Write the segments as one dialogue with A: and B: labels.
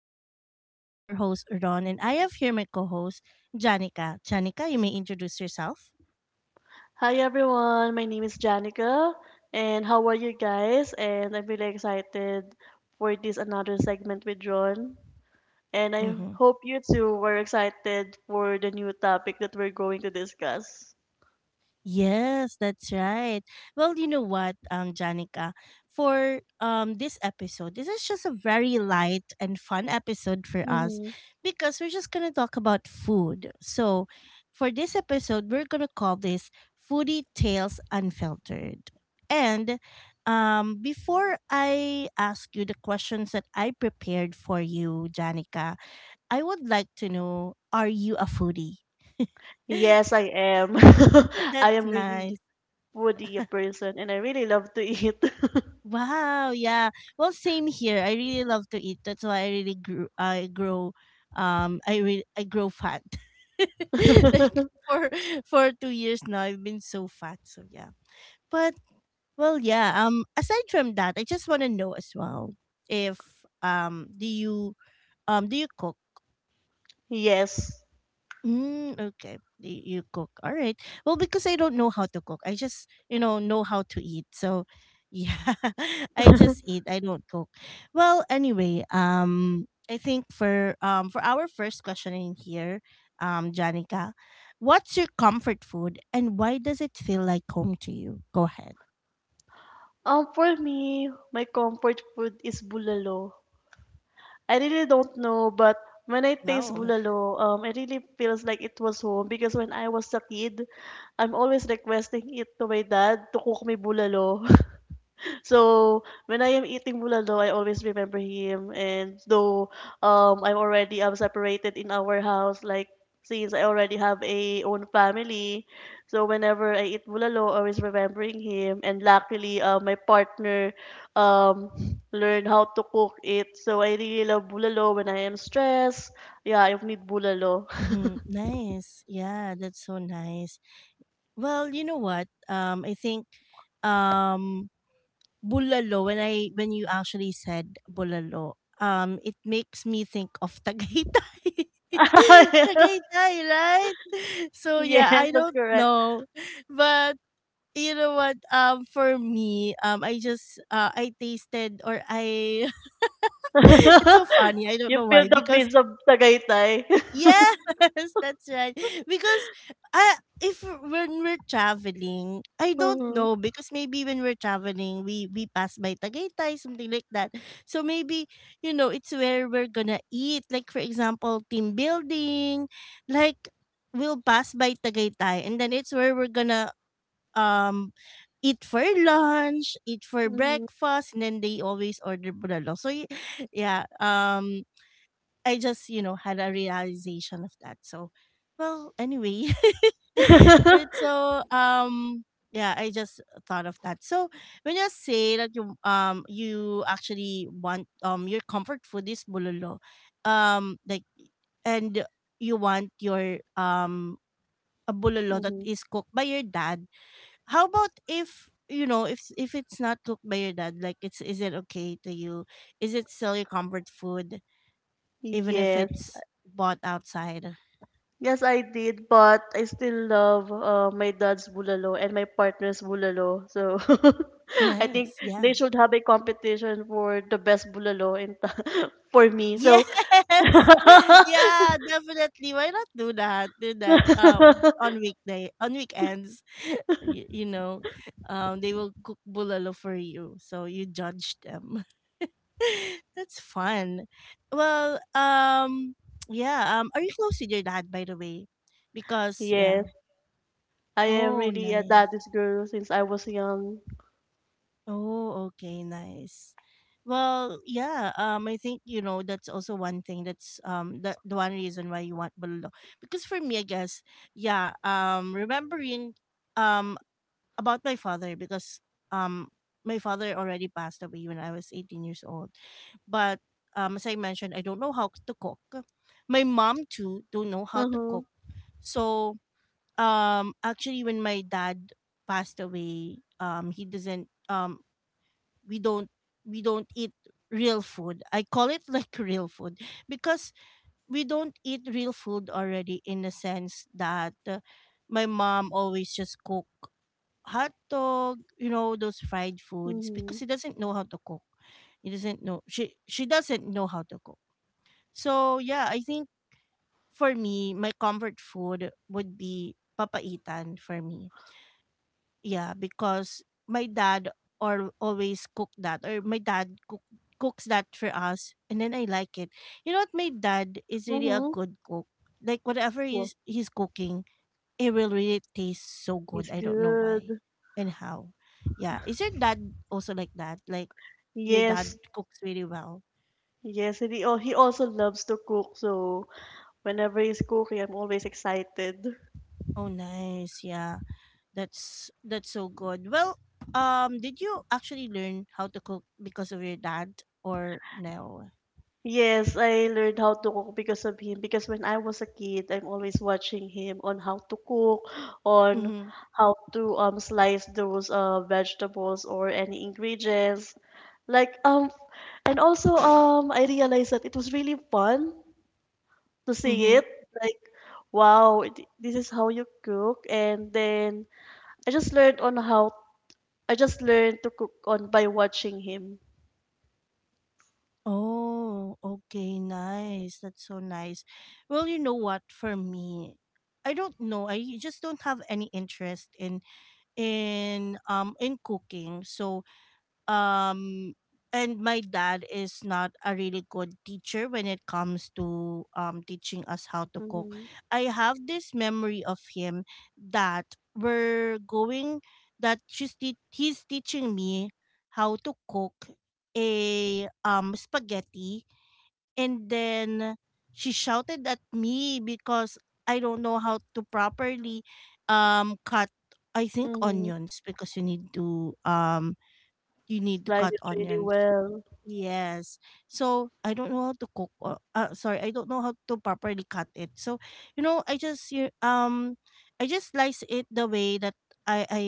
A: Podcast. This is your host, Ron, and I have here my co host, Janica. Janica, you may introduce yourself.
B: Hi everyone, my name is Janica, and how are you guys? And I'm really excited for this another segment with John. And I
A: Mm-hmm.
B: hope you too were excited for the new topic that we're going to discuss.
A: Yes, that's right. Well, Janica, for this episode, this is just a very light and fun episode for us
B: Hmm.
A: because we're just gonna talk about food. So, for this episode, we're gonna call this "Foodie Tales Unfiltered." And Before I ask you the questions that I prepared for you, Janica, I would like to know: are you a foodie?
B: Yes, I am. I
A: That's
B: am
A: nice.
B: really foodie person, and I really love to eat.
A: Wow, yeah. Well, same here. I really love to eat. That's why I really grew I grow I really I grow fat. Like for for 2 years now I've been so fat. So yeah. But well, yeah. Aside from that, I just want to know as well if do you do you cook?
B: Yes.
A: Mm, okay. You cook. All right. Well, because I don't know how to cook. I just, you know how to eat. So, yeah, I just eat. I don't cook. Well, anyway, I think for our first question in here, Janica, what's your comfort food and why does it feel like home to you? Go ahead.
B: For me, my comfort food is bulalo. I really don't know, but when I taste
A: Wow.
B: bulalo, it really feels like it was home because when I was a kid, I'm always requesting it to my dad to cook me bulalo. So when I am eating bulalo, I always remember him. And though I'm separated in our house, like since I already have a own family, so whenever I eat bulalo, always remembering him. And luckily, my partner um learned how to cook it. So I really love bulalo when I am stressed. Yeah, I need bulalo.
A: Mhm. Nice. Yeah, that's so nice. Well, you know what? I think um Bulalo, when you actually said bulalo, it makes me think of Tagaytay. Tagaytay, right? So
B: Yes,
A: yeah, I
B: that's
A: don't
B: correct.
A: know, but you know what? For me, I tasted or I. It's so funny. I don't
B: You
A: know
B: feel
A: why
B: the
A: because
B: breeze of Tagaytay.
A: yes, that's right. Because I if when we're traveling, I don't
B: Mm-hmm.
A: know because maybe when we're traveling, we pass by Tagaytay, something like that. So maybe you know it's where we're gonna eat. Like for example, team building, like we'll pass by Tagaytay, and then it's where we're gonna um eat for lunch, eat for breakfast, and then they always order bulalo. Yeah, I just, you know, had a realization of that. So, well, anyway, it's so yeah, I just thought of that. So, when you say that you actually want your comfort food is bulolo, like and you want your a bulolo that
B: Mhm.
A: is cooked by your dad. How about if you know if it's not cooked by your dad like it's is it okay to you, is it still your comfort food even if
B: Yes.
A: it's bought outside?
B: Yes, I did, but I still love my dad's bulalo and my partner's bulalo. So I think
A: Nice. Yeah.
B: they should have a competition for the best bulalo for me.
A: Yes.
B: So
A: Yeah, definitely. Why not do that? Do that on weekday, on weekends. You know, they will cook bulalo for you, so you judge them. That's fun. Well, yeah. Are you close with your dad, by the way? Because
B: yes,
A: yeah.
B: I am
A: Oh,
B: really a
A: nice.
B: daddy's girl since I was young.
A: Oh, okay, nice. Well, yeah, I think you know that's also one thing that the one reason why you want bulalo. Because for me, I guess, yeah, remembering um about my father, because um my father already passed away when I was 18 years old. But as I mentioned, I don't know how to cook. My mom too don't know how to
B: Mhm.
A: cook. So, actually when my dad passed away, he doesn't we don't we don't eat real food. I call it like real food because we don't eat real food already in the sense that my mom always just cook hot dog, you know, those fried foods because
B: Mhm.
A: she doesn't know how to cook. He doesn't know she doesn't know how to cook. So yeah, I think for me, my comfort food would be papaitan for me, yeah, because my dad or always cook that, or my dad cooks that for us, and then I like it. You know what, my dad is really a
B: Mhm.
A: good cook. Like whatever
B: Well,
A: he's cooking, it will really taste so good.
B: he's
A: I don't know why
B: good.
A: and how. Yeah. Is your dad also like that? Like your dad
B: Yes.
A: cooks really well.
B: Yes, and he also loves to cook, so whenever he's cooking, I'm always excited.
A: Oh nice. Yeah. That's so good. Well, did you actually learn how to cook because of your dad or no?
B: Yes, I learned how to cook because of him. Because when I was a kid, I'm always watching him on how to cook, on
A: Mm-hmm.
B: how to slice those vegetables or any ingredients. Like and also I realized that it was really fun to see
A: Mm-hmm.
B: it. Like wow, this is how you cook, and then I just learned on how I just learned to cook on by watching him.
A: Oh, okay, nice. That's so nice. Well, you know what? For me, I don't know. I just don't have any interest in in cooking. So um and my dad is not a really good teacher when it comes to teaching us how to cook.
B: Mm-hmm.
A: I have this memory of him that we're going that he's teaching me how to cook a spaghetti, and then she shouted at me because I don't know how to properly cut, I think,
B: Mm-hmm.
A: onions, because you need to
B: Life
A: cut
B: is really
A: onions.
B: well.
A: Yes. So I don't know how to cook. Or, sorry, I don't know how to properly cut it. So you know, I just slice it the way that I I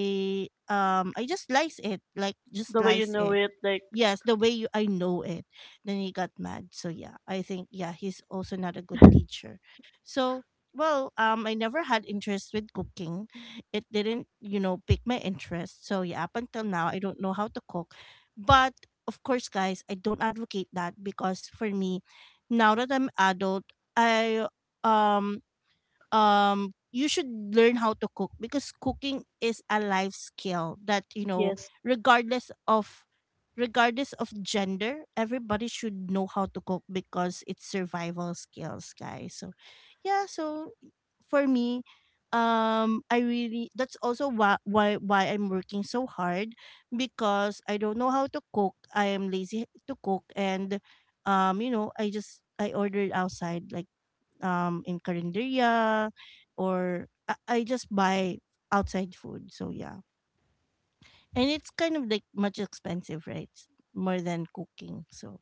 A: I just slice it like just
B: The way you
A: slice
B: know
A: it.
B: it, like.
A: Yes, the way you I know it. Then he got mad. So yeah, I think yeah, he's also not a good teacher. So well, I never had interest with cooking. It didn't, you know, pick my interest. So yeah, up until now, I don't know how to cook. But of course, guys, I don't advocate that because for me, now that I'm adult, I um you should learn how to cook because cooking is a life skill that you know,
B: Yes.
A: regardless of regardless of gender, everybody should know how to cook, because it's survival skills, guys. So yeah, so for me, I really that's also why I'm working so hard, because I don't know how to cook, I am lazy to cook, and you know, I just I ordered outside, like in Carinderia, or I just buy outside food. So yeah. And it's kind of like much expensive, right? It's more than cooking. So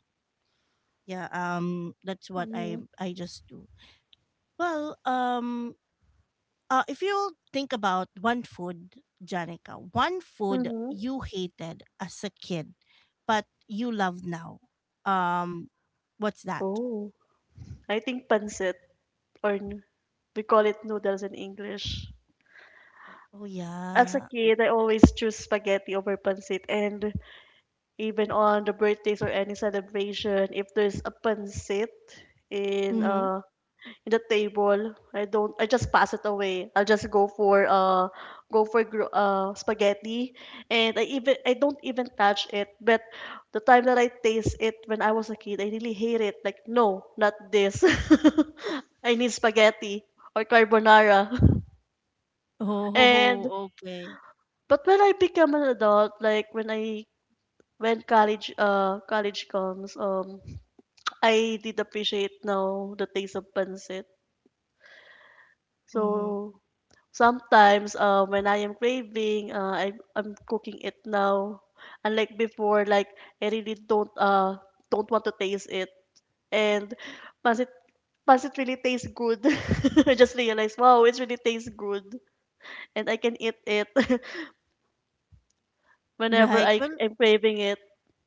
A: yeah, that's what
B: Mm-hmm.
A: I just do. Well, if you think about one food, Janica, one food
B: Mm-hmm.
A: you hated as a kid but you love now. Um what's that?
B: Oh, I think pancit, or we call it noodles in English.
A: Oh
B: As a
A: yeah.
B: kid, I always choose spaghetti over pancit, and even on the birthdays or any celebration, if there's a pancit in
A: Mm-hmm.
B: a in the table. I don't I just pass it away. I'll just go for spaghetti, and I don't even touch it. But the time that I taste it when I was a kid, I really hate it. Like no, not this. I need spaghetti or carbonara. and
A: Oh, okay.
B: but when I become an adult, like when I when college college comes, I did appreciate now the taste of pancit.
A: Mm-hmm.
B: So sometimes when I am craving, I'm cooking it now. Unlike before, like I really don't want to taste it. And pancit pancit really tastes good. I just realized, wow, it really tastes good, and I can eat it whenever
A: Right.
B: I
A: Well,
B: am craving it.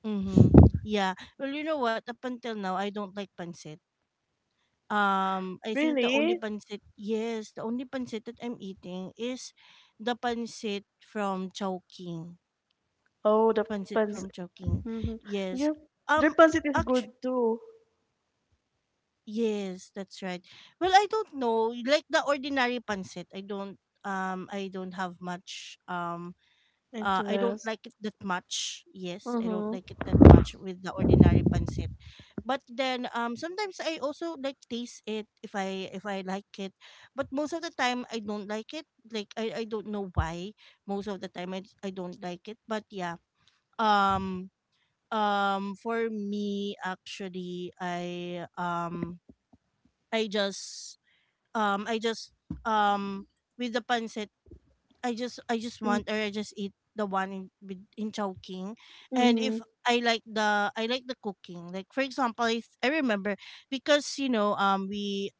A: mm-hmm. Yeah. Well, you know what? Up until now, I don't like pancit. I think the only
B: Really?
A: pancit, yes, the only pancit that I'm eating is the pancit from Chowking.
B: Oh, the
A: Pancit from
B: pancit.
A: Chowking.
B: Hmm.
A: Yes.
B: Yeah, their
A: Um,
B: pancit is good
A: actually,
B: too.
A: yes, that's right. Well, I don't know. Like the ordinary pancit, I don't. I don't have much. I don't
B: Interest.
A: like it that much. Yes, I don't
B: Mm-hmm.
A: like it that much with the ordinary pancit. But then sometimes I also like taste it if I like it. But most of the time I don't like it. I don't know why. Most of the time I don't like it. But yeah. Um for me actually I just I just um with the pancit, I just want or I just eat the one in Chowking. And
B: Mm-hmm.
A: if I like the cooking. Like for example, I remember because you know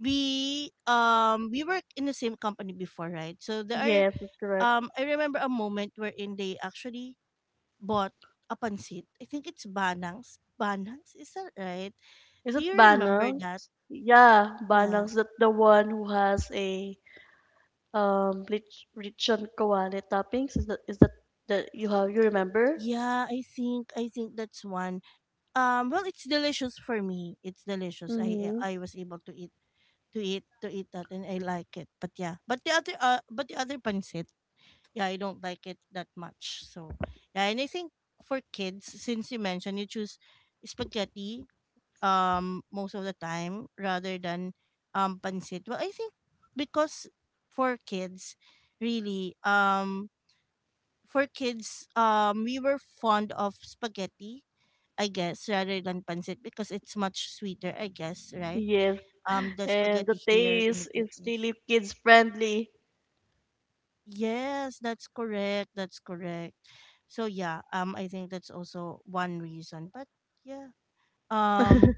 A: we work in the same company before, right? So there are
B: Yes, that's correct.
A: I remember a moment wherein they actually bought a pancit. I think it's Banangs. Banangs, is that right?
B: Is
A: Do
B: it
A: you remember that?
B: Banangs? Yeah,
A: Yeah.
B: Banangs that the one who has a rich on kawali toppings. Is that that you remember?
A: Yeah, I think that's one. Well, it's delicious for me. It's delicious.
B: Mm-hmm.
A: I was able to eat to eat that, and I like it. But yeah, but the other pancit, yeah, I don't like it that much. So yeah, and I think for kids, since you mentioned you choose spaghetti, most of the time rather than pancit. Well, I think because for kids, really, for kids, we were fond of spaghetti, I guess, rather than pancit because it's much sweeter, I guess, right?
B: Yes,
A: The
B: and
A: spaghetti
B: the
A: here in the
B: taste is
A: Philippines.
B: really kids friendly.
A: Yes, that's correct. That's correct. So yeah, I think that's also one reason. But yeah, um,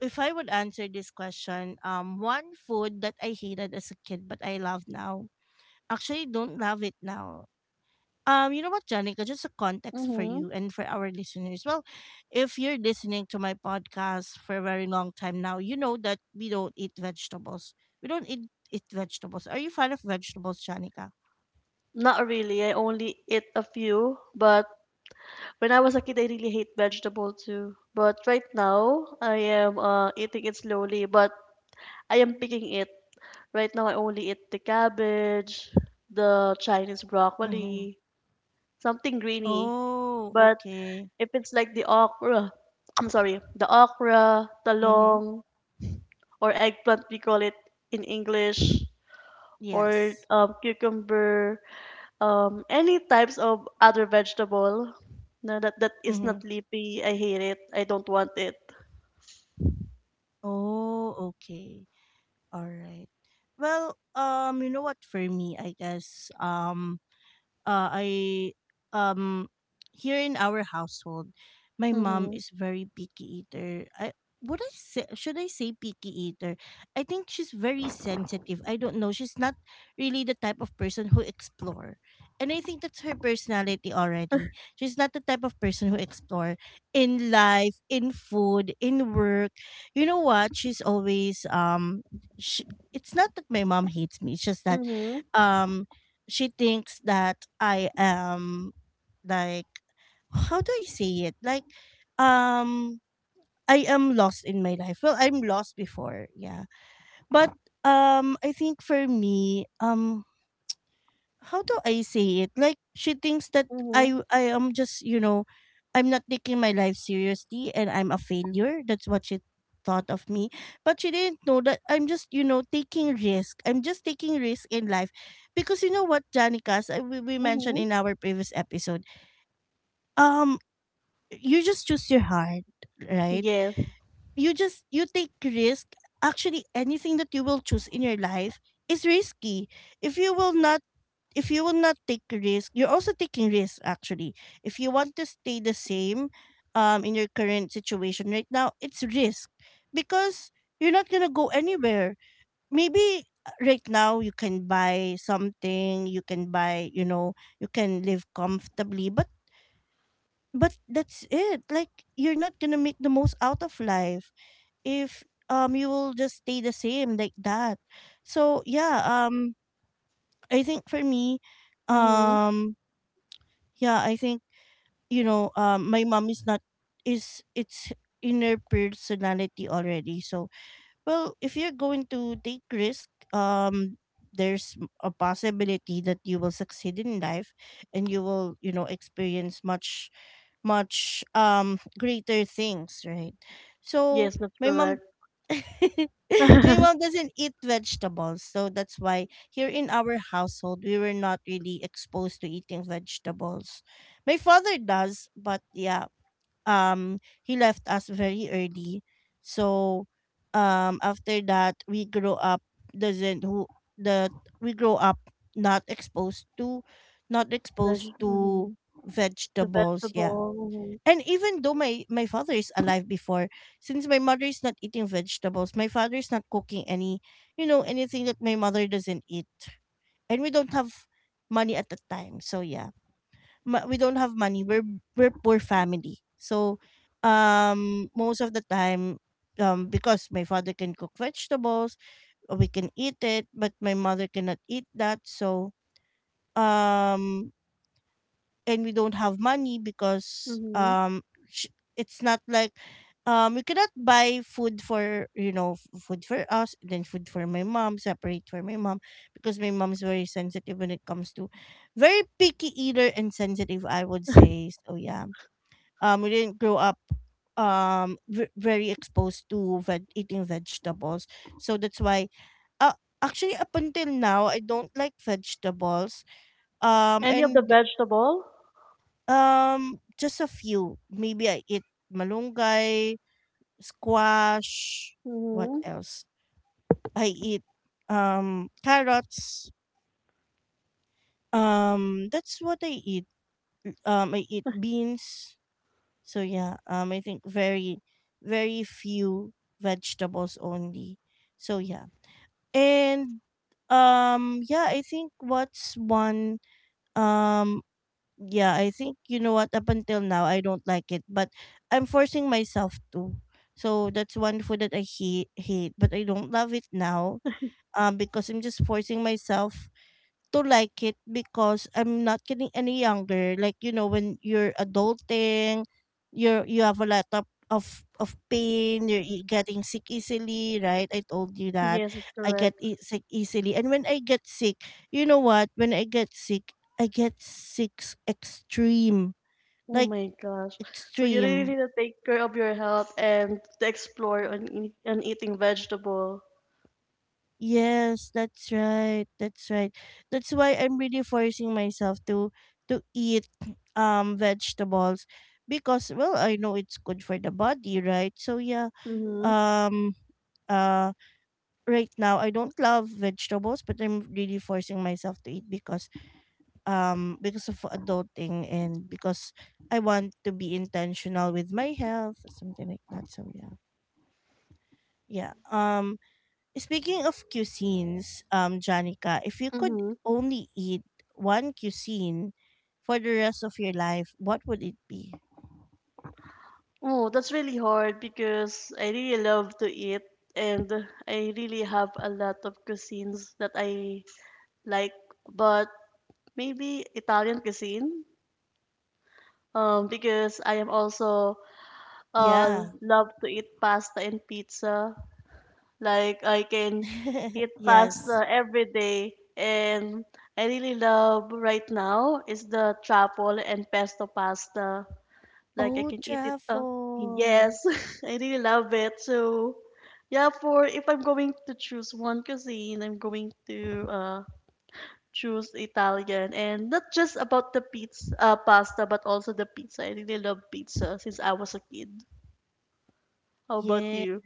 A: if I would answer this question, one food that I hated as a kid but I love now. Actually, don't love it now. You know what, Janica, just a context for
B: Mm-hmm.
A: you and for our listeners. Well, if you're listening to my podcast for a very long time now, you know that we don't eat vegetables. We don't eat vegetables. Are you fan of vegetables, Janica?
B: Not really. I only eat a few, but when I was a kid, I really hate vegetable too. But right now, I am eating it slowly, but I am picking it. Right now, I only eat the cabbage, the Chinese
A: Mm-hmm.
B: broccoli, something greeny.
A: Oh,
B: But
A: okay.
B: if it's like the okra, I'm sorry, the okra,
A: Mm-hmm.
B: talong, or eggplant, we call it in English, or
A: Yes.
B: cucumber, any types of other vegetable, no, that is
A: Mm-hmm.
B: not leafy, I hate it. I don't want it.
A: Oh, okay. All right. Well, you know what? For me, I guess, I um here in our household, my mom
B: Mm-hmm.
A: is very picky eater. I would I say, should I say picky eater? I think she's very sensitive. I don't know. She's not really the type of person who explore. And I think that's her personality already. She's not the type of person who explore in life, in food, in work. You know what? She's always she, it's not that my mom hates me. It's just that
B: Mm-hmm.
A: um she thinks that I am like how do I say it? Like um I am lost in my life. Well, I'm lost before, yeah. But I think for me, how do I say it? Like she thinks that
B: Mm-hmm.
A: I am just, I'm not taking my life seriously and I'm a failure. That's what she thought of me. But she didn't know that I'm just, taking risk. I'm just taking risk in life. Because you know what, Janica, as we mentioned
B: Mm-hmm.
A: in our previous episode, um, you just choose your heart, right?
B: Yes.
A: You take risk. Actually, anything that you will choose in your life is risky. If you will not if you will not take risk, you're also taking risk actually. If you want to stay the same in your current situation right now, it's risk because you're not going to go anywhere. Maybe right now you can buy something, you can buy, you know, you can live comfortably, but that's it. Like you're not going to make the most out of life if you will just stay the same like that. So, yeah, I think for me
B: Mm-hmm.
A: um yeah, I think you know my mom is not is it's in her personality already. So well, if you're going to take risk, there's a possibility that you will succeed in life and you will, you know, experience much much greater things, right? So
B: Yes, that's
A: my mom
B: correct.
A: my mom doesn't eat vegetables, so that's why here in our household we were not really exposed to eating vegetables. My father does, but yeah, he left us very early. So after that we grow up doesn't who the we grow up not exposed to not
B: That's,
A: exposed
B: mm-hmm.
A: to
B: The
A: vegetables, yeah.
B: vegetable.
A: And even though my father is alive before, since my mother is not eating vegetables, my father is not cooking any, you know, anything that my mother doesn't eat, and we don't have money at the time. So yeah, we don't have money. We're poor family. So, most of the time, because my father can cook vegetables, we can eat it, but my mother cannot eat that. So, um and we don't have money because
B: Mm-hmm. Mm-hmm.
A: it's not like we cannot buy food for, you know, food for us, then food for my mom, separate for my mom, because my mom's very sensitive when it comes to, very picky eater and sensitive I would say. So yeah, we didn't grow up very exposed to eating vegetables. So that's why uh, actually up until now I don't like vegetables
B: Any of the
A: and
B: vegetable?
A: just a few. Maybe I eat malunggay, squash, what
B: Mm-hmm.
A: else? I eat carrots. That's what I eat. I eat beans. So yeah, I think very very few vegetables only. So yeah. And yeah, I think what's one um yeah, I think, you know what, up until now I don't like it, but I'm forcing myself to. So that's one food that I hate, hate, but I don't love it now because I'm just forcing myself to like it because I'm not getting any younger. Like, you know, when you're adulting, you have a lot of of pain. You're getting sick easily, right? I told you that
B: Yes, that's
A: I get
B: correct.
A: sick easily, and when I get sick, you know what? When I get sick extreme,
B: Oh
A: like
B: my gosh. So you really
A: extreme.
B: need to take care of your health and to explore on eating vegetable.
A: Yes, that's right. That's right. That's why I'm really forcing myself to eat vegetables because, well, I know it's good for the body, right? So yeah.
B: Mm-hmm.
A: Um uh right now I don't love vegetables, but I'm really forcing myself to eat because of adulting and because I want to be intentional with my health, something like that. So yeah. Yeah. Speaking of cuisines, Janica, if you could
B: Mm-hmm.
A: only eat one cuisine for the rest of your life, what would it be?
B: Oh, that's really hard because I really love to eat, and I really have a lot of cuisines that I like, but maybe Italian cuisine. Because I am also
A: Yeah.
B: love to eat pasta and pizza. Like I can eat
A: Yes.
B: pasta every day, and I really love right now is the truffle and pesto pasta. Like I
A: Oh,
B: can eat it,
A: truffle.
B: yes, I really love it. So yeah, for if I'm going to choose one cuisine, I'm going to choose Italian, and not just about the pizza, pasta, but also the pizza. I really love pizza since I was a kid. How about
A: Yes.
B: you?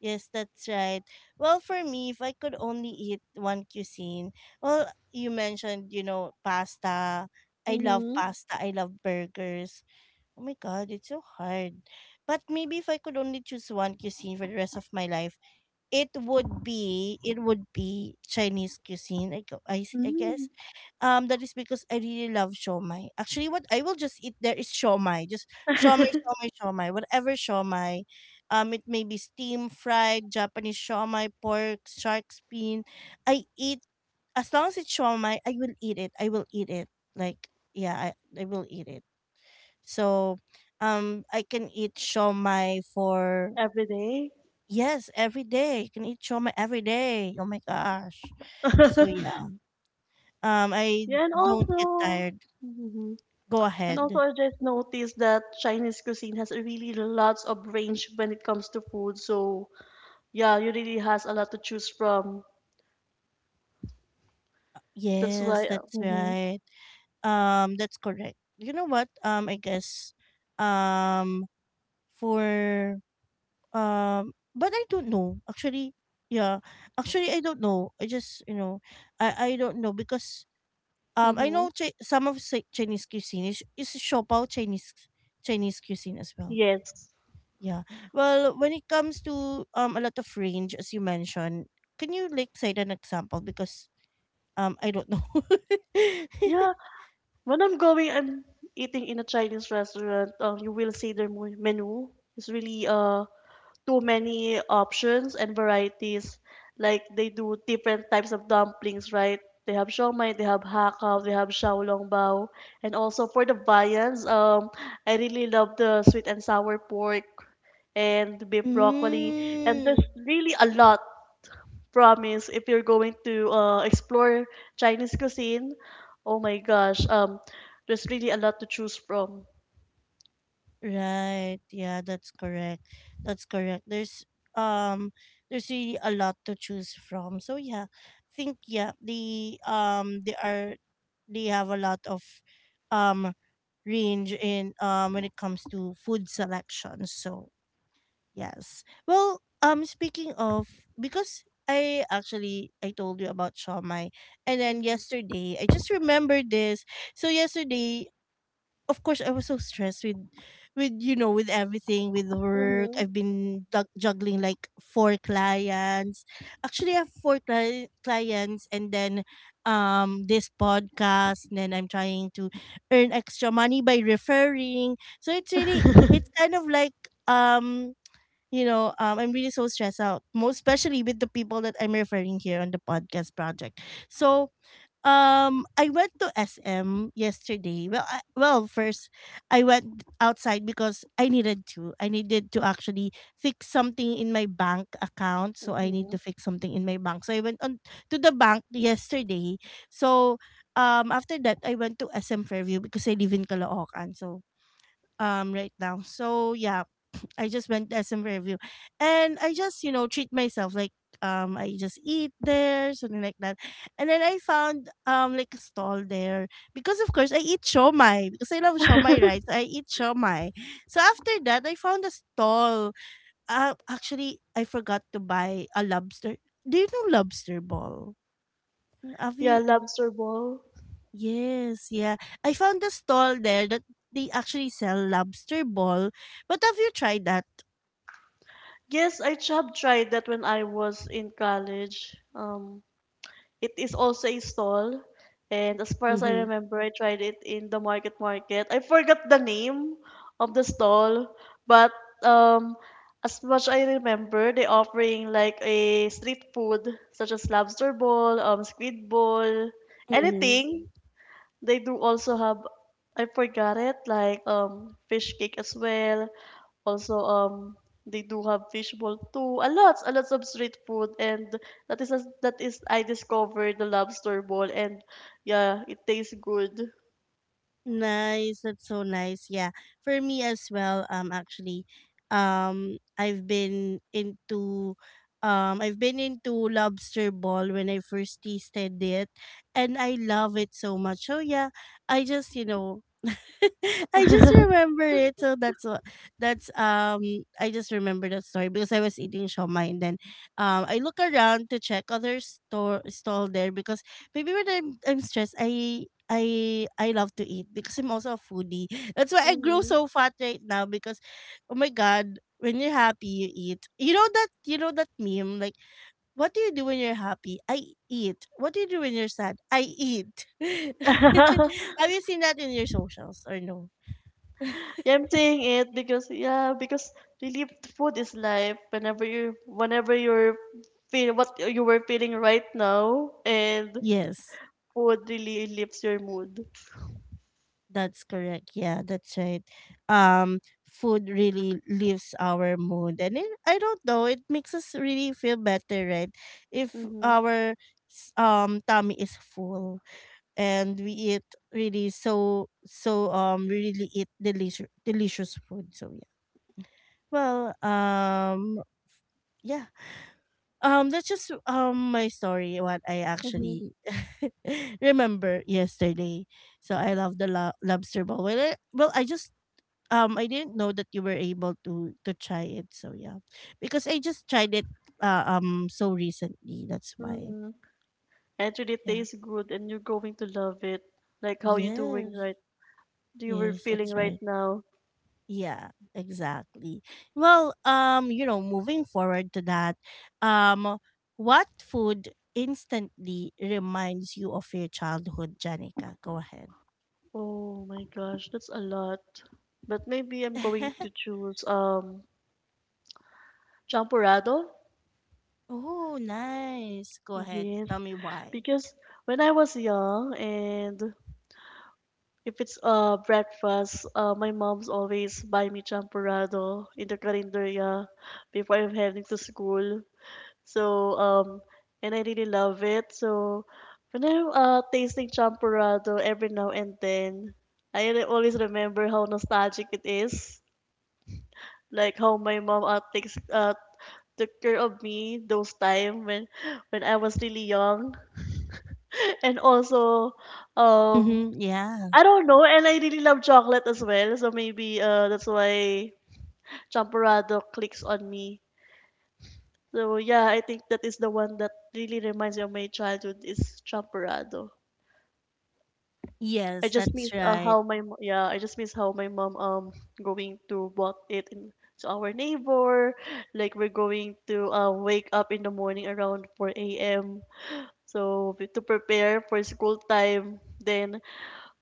A: Yes, that's right. Well, for me, if I could only eat one cuisine, well, you mentioned, you know, pasta. I love
B: Mhm.
A: pasta. I love burgers. Oh my God, it's so hard. But maybe if I could only choose one cuisine for the rest of my life, it would be Chinese cuisine. I
B: Mm.
A: guess. That is because I really love shomai. Actually, what I will just eat there is shomai. Just shomai, shomai, shomai. Whatever shomai. It may be steam fried, Japanese shomai, pork, shark's fin. I eat, as long as it's shomai, I will eat it. I will eat it. Like yeah, I will eat it. So, I can eat shomai for
B: Every day.
A: yes every day. I can eat shomai every day. Oh my gosh. So yeah. I
B: Yeah, and
A: don't get
B: also,
A: tired.
B: mhm,
A: Go
B: and also
A: ahead.
B: I just noticed that Chinese cuisine has a really lots of range when it comes to food. So yeah, you really has a lot to choose from. That's
A: Yes,
B: why.
A: that's
B: Mhm.
A: right. That's correct. You know what? I guess, um, for but I don't know. Actually, yeah. Actually, I don't know. I just, you know, I don't know because I
B: Mhm.
A: know some of Chinese cuisine is Shopao Chinese cuisine as well.
B: Yes.
A: Yeah. Well, when it comes to a lot of range, as you mentioned, can you like cite an example because I don't know.
B: Yeah. When I'm eating in a Chinese restaurant, you will see their menu. It's really too many options and varieties. Like they do different types of dumplings, right? They have siomai, they have hakao, they have xiaolongbao, and also for the viands, I really love the sweet and sour pork and beef broccoli. And there's
A: Mm,
B: really a lot, promise, if you're going to explore Chinese cuisine. Oh my gosh, there's really a lot to choose from.
A: right. Yeah, that's correct. That's correct. Um there's really a lot to choose from. So yeah, I think yeah, the they are they have a lot of um range in when it comes to food selection. So yes. Well, speaking of, because I told you about Shawmai, and then
B: Mm-hmm.
A: yesterday I just remembered this. So yesterday, of course, I was so stressed with, you know, with everything, with work.
B: Mm-hmm.
A: I've been juggling like four clients. Actually, I have four clients, and then this podcast, and then I'm trying to earn extra money by referring. So it's really it's kind of like um you know, I'm really so stressed out, most especially with the people that I'm referring here on the podcast project. So, I went to SM yesterday. Well, well, first I went outside because I needed to. I needed to actually fix something in my bank account, so I need to
B: Mm-hmm.
A: fix something in my bank. So I went on to the bank yesterday. So, after that I went to SM Fairview because I live in Caloocan. So, right now. So yeah, I just went to SM Review. And I just, you know, treat myself. Like, I just eat there, something like that. And then I found like a stall there. Because of course I eat shomai. Because I love shomai, right? So I eat shomai. So after that I found a stall. Actually I forgot to buy a lobster. Do you know lobster ball? Have
B: Yeah,
A: you,
B: lobster ball.
A: yes, yeah. I found a stall there that they actually sell lobster ball. But have you tried that?
B: Yes, I job tried that when I was in college. It is also a stall, and as far as I remember, I tried it in the market market. I forgot the name of the stall, but um, as much I remember, they offering like a street food such as lobster ball, squid ball,
A: Mm-hmm.
B: anything they do also have, I forgot it, like fish cake as well. Also they do have fishball too. A lot of street food, and that is that is I discovered the lobster ball, and yeah, it tastes good.
A: Nice. That's so nice. Yeah. For me as well, actually, um I've been into I've been into lobster ball when I first tasted it and I love it so much. So yeah, I just, you know, I just remember it. So that's um, I just remember that story because I was eating shawmai and then I look around to check other store stall there because maybe when I'm stressed I love to eat because I'm also a foodie. That's why I grow
B: Mm-hmm.
A: so fat right now because oh my god, when you're happy you eat. You know that meme like what do you do when you're happy? I eat. What do you do when you're sad? I eat. Have you seen that in your socials or no?
B: Yeah, I'm saying it because really food is life. Whenever you're feel what you were feeling right now, and
A: Yes,
B: food really lifts your mood.
A: that's correct. Yeah, that's right. Um, food really lifts our mood, and it, I don't know. It makes us really feel better, right? If
B: Mm-hmm.
A: our tummy is full and we eat really so so we really eat delicious delicious food. So yeah. Well, yeah, that's just my story, what I actually remember yesterday. So I love the lobster ball. Well, well, I just I didn't know that you were able to try it. So yeah, because I just tried it so recently. That's why.
B: Mhm. And it really
A: Yeah.
B: tastes good, and you're going to love it. Like how you doing
A: Yes.
B: right you were
A: Yes.
B: feeling
A: That's
B: right
A: right.
B: now.
A: Yeah, exactly. Well, you know, moving forward to that, um, what food instantly reminds you of your childhood, Janica? Go ahead.
B: Oh my gosh, that's a lot. But maybe I'm going to choose champurrado.
A: Oh, nice. Go ahead.
B: Yes,
A: Tell me why.
B: because when I was young, and if it's breakfast, my mom's always buy me champurrado in the carinderia before I'm heading to school. So, and I really love it. So, when I'm tasting champurrado every now and then, I always remember how nostalgic it is. Like how my mom, takes took care of me those time when I was really young. And also, um,
A: Mm-hmm. Yeah.
B: I don't know, and I really love chocolate as well. So maybe that's why champurrado clicks on me. So yeah, I think that is the one that really reminds me of my childhood is champurrado. I
A: Yes,
B: just
A: that's
B: miss
A: right.
B: how my mo- yeah I just miss how my mom going to bought it in to our neighbor, like we're going to wake up in the morning around 4 a.m., so to prepare for school time, then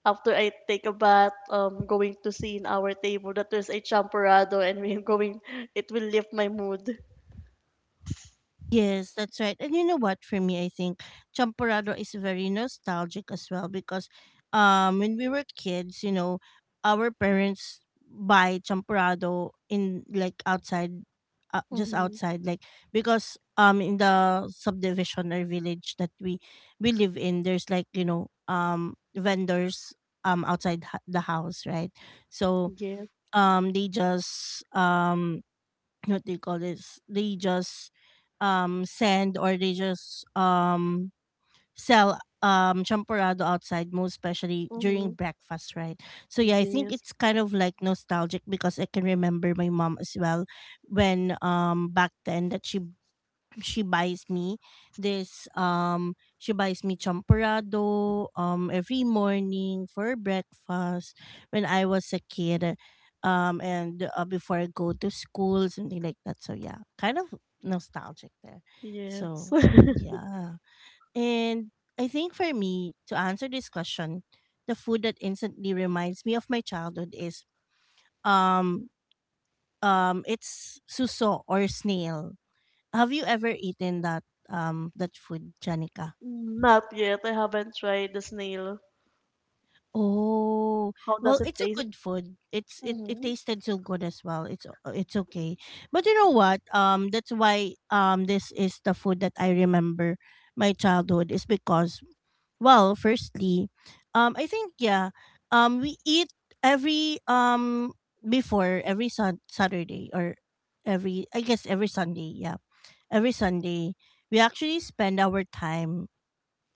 B: after I take a bath, going to see in our table that there's a champorado, and we're going it will lift my mood.
A: Yes, that's right. And you know what? For me, I think champorado is very nostalgic as well because, when we were kids, you know, our parents buy champorado in like outside, just
B: Mm-hmm.
A: outside, like because in the subdivision or village that we live in, there's like you know vendors outside the house, right? So
B: Yes.
A: they just what they call this they just send or they just sell champorado outside, most especially during
B: Mm-hmm.
A: breakfast, right? So yeah, I think
B: Yes.
A: it's kind of like nostalgic because I can remember my mom as well when back then that she buys me this she buys me champorado every morning for breakfast when I was a kid, and before I go to school, something like that. So yeah, kind of nostalgic there.
B: Yes.
A: So yeah, and I think for me to answer this question, the food that instantly reminds me of my childhood is um it's suso or snail. Have you ever eaten that that food, Janica?
B: Not yet, I haven't tried the snail.
A: Oh,
B: How
A: well,
B: does it
A: it's a
B: taste?
A: good food. It's it
B: Hmm.
A: tasted so good as well. It's okay, but you know what? That's why this is the food that I remember my childhood is because, well, firstly, I think yeah, we eat every before every Saturday or every I guess every Sunday. Yeah, every Sunday we actually spend our time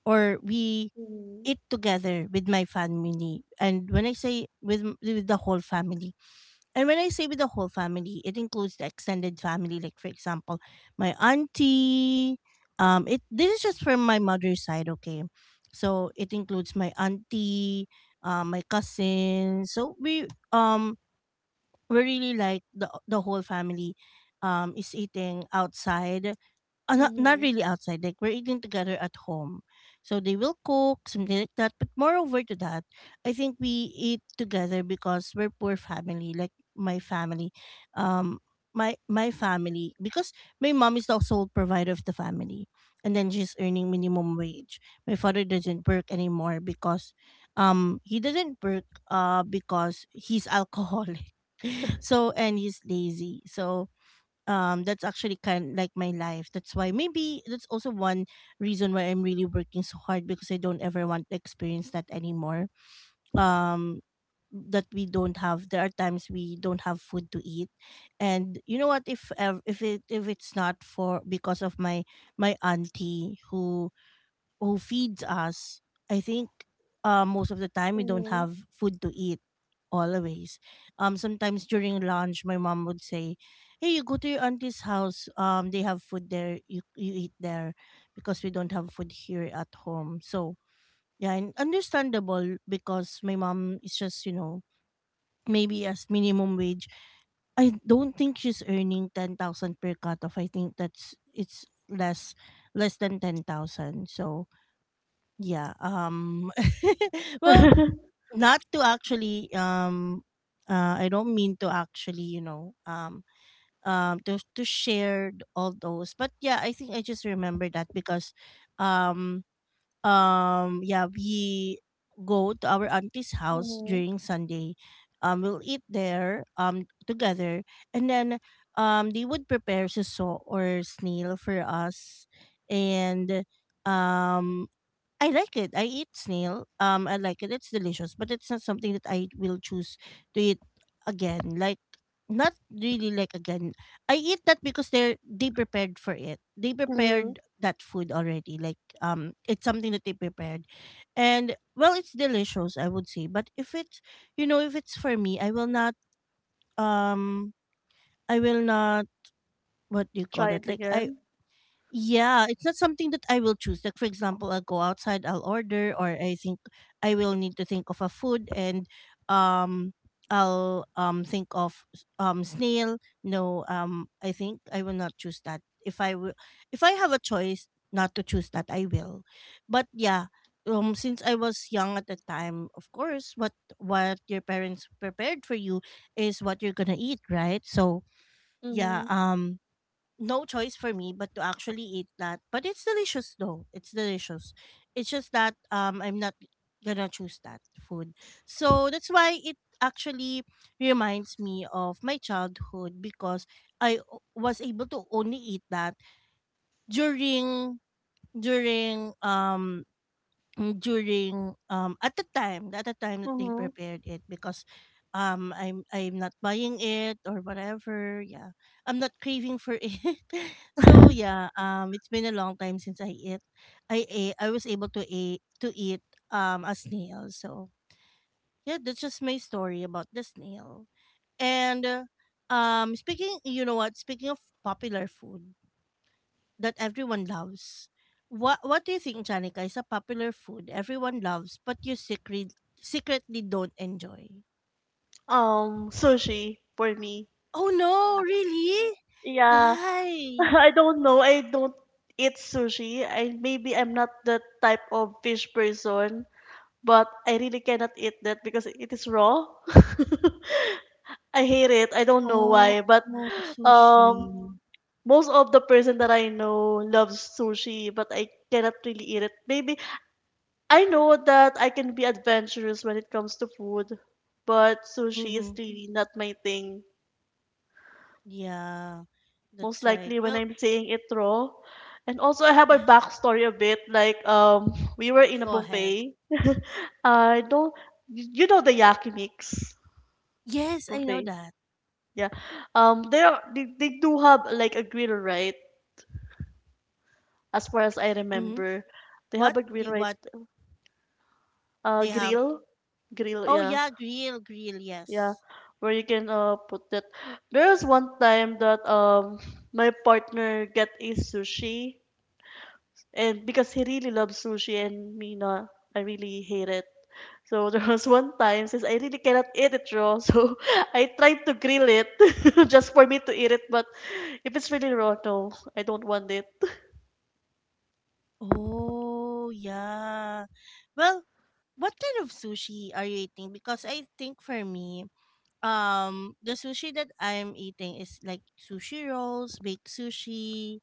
A: or we
B: Mhm.
A: eat together with my family. And when I say with with the whole family, and when I say with the whole family, it includes the extended family. Like for example, my auntie. It this is just from my mother's side. Okay, so it includes my auntie, my cousin. So um we really like the whole family, is eating outside, not not
B: Mhm.
A: really outside. Like we're eating together at home, so they will cook something like that. But moreover to that, I think we eat together because we're poor family. Like my family, um, my family because my mom is the sole provider of the family, and then she's earning minimum wage. My father doesn't work anymore because, he doesn't work because he's alcoholic. So and he's lazy. So that's actually kind like my life. That's why maybe that's also one reason why I'm really working so hard, because I don't ever want to experience that anymore. um that we don't have, there are times we don't have food to eat. And you know what, if it if it's not for because of my my auntie who feeds us, I think most of the time we don't
B: Mhm.
A: have food to eat always. Sometimes during lunch, my mom would say, "Hey, you go to your auntie's house. They have food there. You eat there because we don't have food here at home." So yeah, and understandable because my mom is just you know maybe as minimum wage. I don't think she's earning 10,000 per cut off. I think that's it's less than 10,000. So yeah. Well, not to actually I don't mean to actually, you know, to share all those. But yeah, I think I just remember that because um yeah, we go to our auntie's house
B: Mhm.
A: during Sunday. We'll eat there together, and then they would prepare suso or snail for us. And um I like it. I eat snail. I like it. It's delicious, but it's not something that I will choose to eat again. Like, not really like again. I eat that because they prepared for it. They
B: Mhm.
A: prepared that food already. Like, it's something that they prepared, and well, it's delicious, I would say. But if it's you know if it's for me, I will not um I will not what do you
B: Try
A: call
B: it
A: it? Like I
B: again.
A: yeah, it's not something that I will choose. Like for example, I'll go outside, I'll order, or I think I will need to think of a food, and um, I'll think of snail. No, I think I will not choose that. If I will, if I have a choice not to choose that, I will. But yeah, since I was young at the time, of course, what your parents prepared for you is what you're gonna eat, right? So yeah,
B: Mhm.
A: no choice for me but to actually eat that. But it's delicious though. It's delicious. It's just that I'm not gonna choose that food. So that's why it actually reminds me of my childhood because was able to only eat that during during um at the time, that they
B: Mhm.
A: prepared it, because I'm not buying it or whatever. Yeah, I'm not craving for it. So yeah, it's been a long time since I was able to eat a snail. So yeah, that's just my story about the snail. And speaking, you know what, speaking of popular food that everyone loves. What do you think, Janica? Is a popular food everyone loves, but you secretly don't enjoy?
B: Sushi for me.
A: Oh no! Really?
B: Yeah,
A: Why?
B: I don't know. I don't eat sushi. I maybe I'm not the type of fish person, but I really cannot eat that because it is raw. I hate it. I don't know
A: Oh,
B: why, but
A: oh,
B: um,
A: sushi.
B: most of the person that I know loves sushi, but I cannot really eat it. Maybe I know that I can be adventurous when it comes to food, but sushi is
A: Mm-hmm.
B: really not my thing.
A: Yeah,
B: Most
A: that's right.
B: likely when
A: Well,
B: I'm saying it raw. And also I have a backstory a bit. Like we were in a
A: go ahead.
B: buffet. I don't you know the yaki mix
A: Yes, I know
B: buffet.
A: that.
B: Yeah. They do have like a grill, right? As far as I
A: Mm-hmm.
B: remember. They have a grill, right?
A: What they have?
B: Grill. Grill,
A: Oh
B: yeah.
A: yeah, grill, grill.
B: Yeah,
A: Yes.
B: where you can put it. There was one time that my partner get a sushi, and because he really loves sushi and me not, I really hate it. So there was one time since I really cannot eat it raw, so I tried to grill it just for me to eat it. But if it's really raw, no, I don't want it.
A: Oh, yeah. Well, what kind of sushi are you eating? Because I think for me, the sushi that I am eating is like sushi rolls, baked sushi.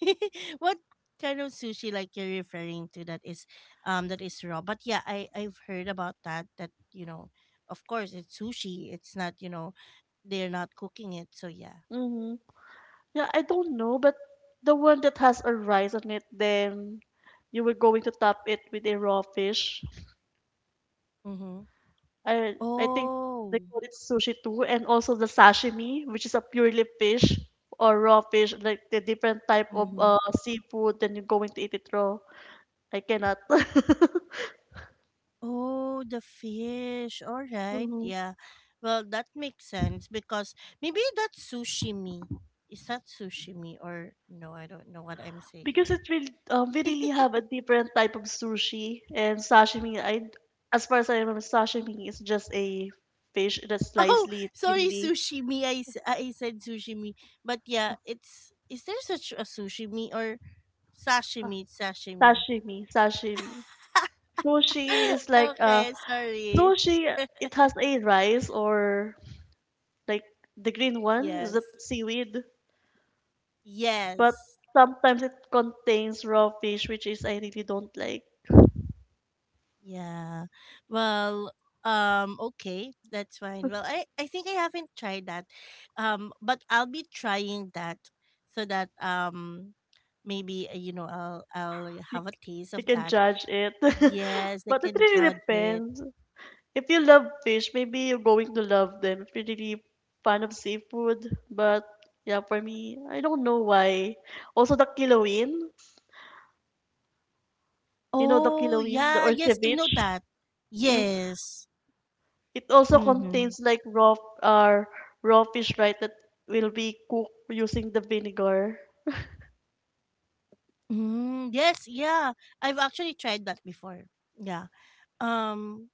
A: What kind of sushi like you're referring to that is raw? But yeah, I I've heard about that, that, you know, of course it's sushi. It's not, you know, they're not cooking it. So yeah.
B: Mm-hmm. Yeah, I don't know, but the one that has a rice on it, then you were going to top it with a raw fish.
A: Mhm.
B: I think
A: Oh.
B: they call it sushi too, and also the sashimi, which is a purely fish or raw fish, like the different type of
A: Mhm.
B: seafood. Then you're going to eat it raw. I cannot.
A: Oh, the fish. All right.
B: Mhm.
A: Yeah. Well, that makes sense because maybe that's sushi me. Is that sushi me or no? I don't know what I'm
B: Because
A: saying.
B: we really have a different type of sushi and sashimi. As far as I remember, sashimi is just a fish that's
A: Oh,
B: slightly
A: sorry,
B: thinly.
A: sushi sushimi. I said sushi me. But yeah, it's. Is there such a sushi me or
B: Uh,
A: sashimi? It's sashimi.
B: Sashimi, sashimi. Sushi is like
A: Okay, sorry.
B: sushi. It has a rice, or like, the green one is that
A: Yes.
B: seaweed, but
A: Yes.
B: sometimes it contains raw fish, which is I really don't like.
A: Yeah. Well, okay, that's fine. Well, I think I haven't tried that. But I'll be trying that so that maybe you know, I'll
B: you,
A: have a taste
B: you
A: of
B: can
A: that.
B: judge it.
A: Yes, I
B: But it
A: can
B: really
A: judge it.
B: depends. If you love fish, maybe you're going to love them if you're really fan of seafood. But yeah, for me, I don't know why. Also the kilawin, you know, the
A: Oh
B: kilawin, the
A: yeah,
B: or
A: yes, I know
B: ceviche,
A: that.
B: you know,
A: Yes.
B: it also
A: Mm-hmm.
B: contains like uh, raw fish, right? That will be cooked using the vinegar.
A: Mm, yes, yeah. I've actually tried that before. Yeah. Um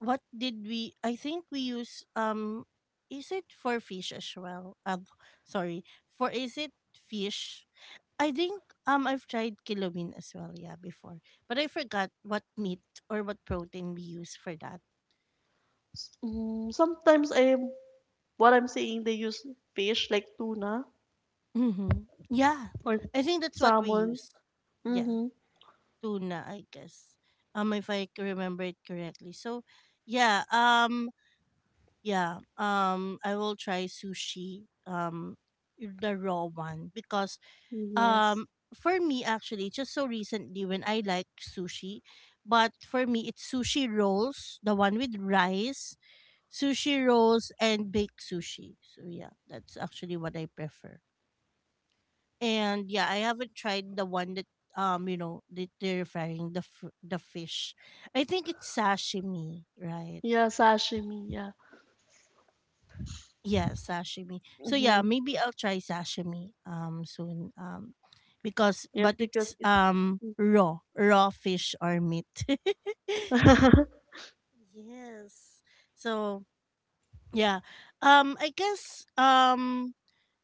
A: what did we, I think we use is it for fish as well? Sorry. For is it fish? I think I've tried kilobin as well, yeah, before. But I forgot what meat or what protein we use for that.
B: Sometimes I'm what I'm saying, they use fish like tuna
A: Mhm. Yeah.
B: or
A: I think that's what we
B: salmon.
A: use. Yeah,
B: Mm-hmm.
A: tuna, I guess. If I remember it correctly. So, yeah, yeah, I will try sushi the raw one because
B: Yes.
A: Um, for me, actually, just so recently when I like sushi, but for me, it's sushi rolls, the one with rice, sushi rolls, and baked sushi. So, yeah, that's actually what I prefer. And yeah, I haven't tried the one that, you know, that they're frying the, the fish. I think it's sashimi, right?
B: Yeah, sashimi. Yeah.
A: Yeah, sashimi. So
B: Mm-hmm.
A: yeah, maybe I'll try sashimi soon. Because
B: Yes,
A: but
B: because
A: it's
B: it's.
A: raw, raw fish or meat. Yes. So yeah. I guess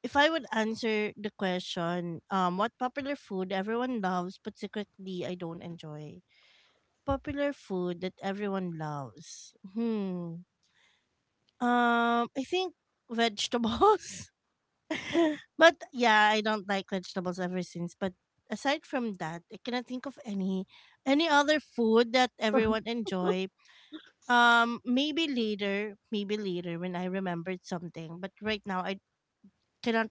A: if I would answer the question, what popular food everyone loves but secretly I don't enjoy. Popular food that everyone loves. Hmm. I think vegetables. But yeah, I don't like vegetables ever since. But aside from that, I cannot think of any other food that everyone enjoy. Maybe later when I remembered something. But right now, I cannot.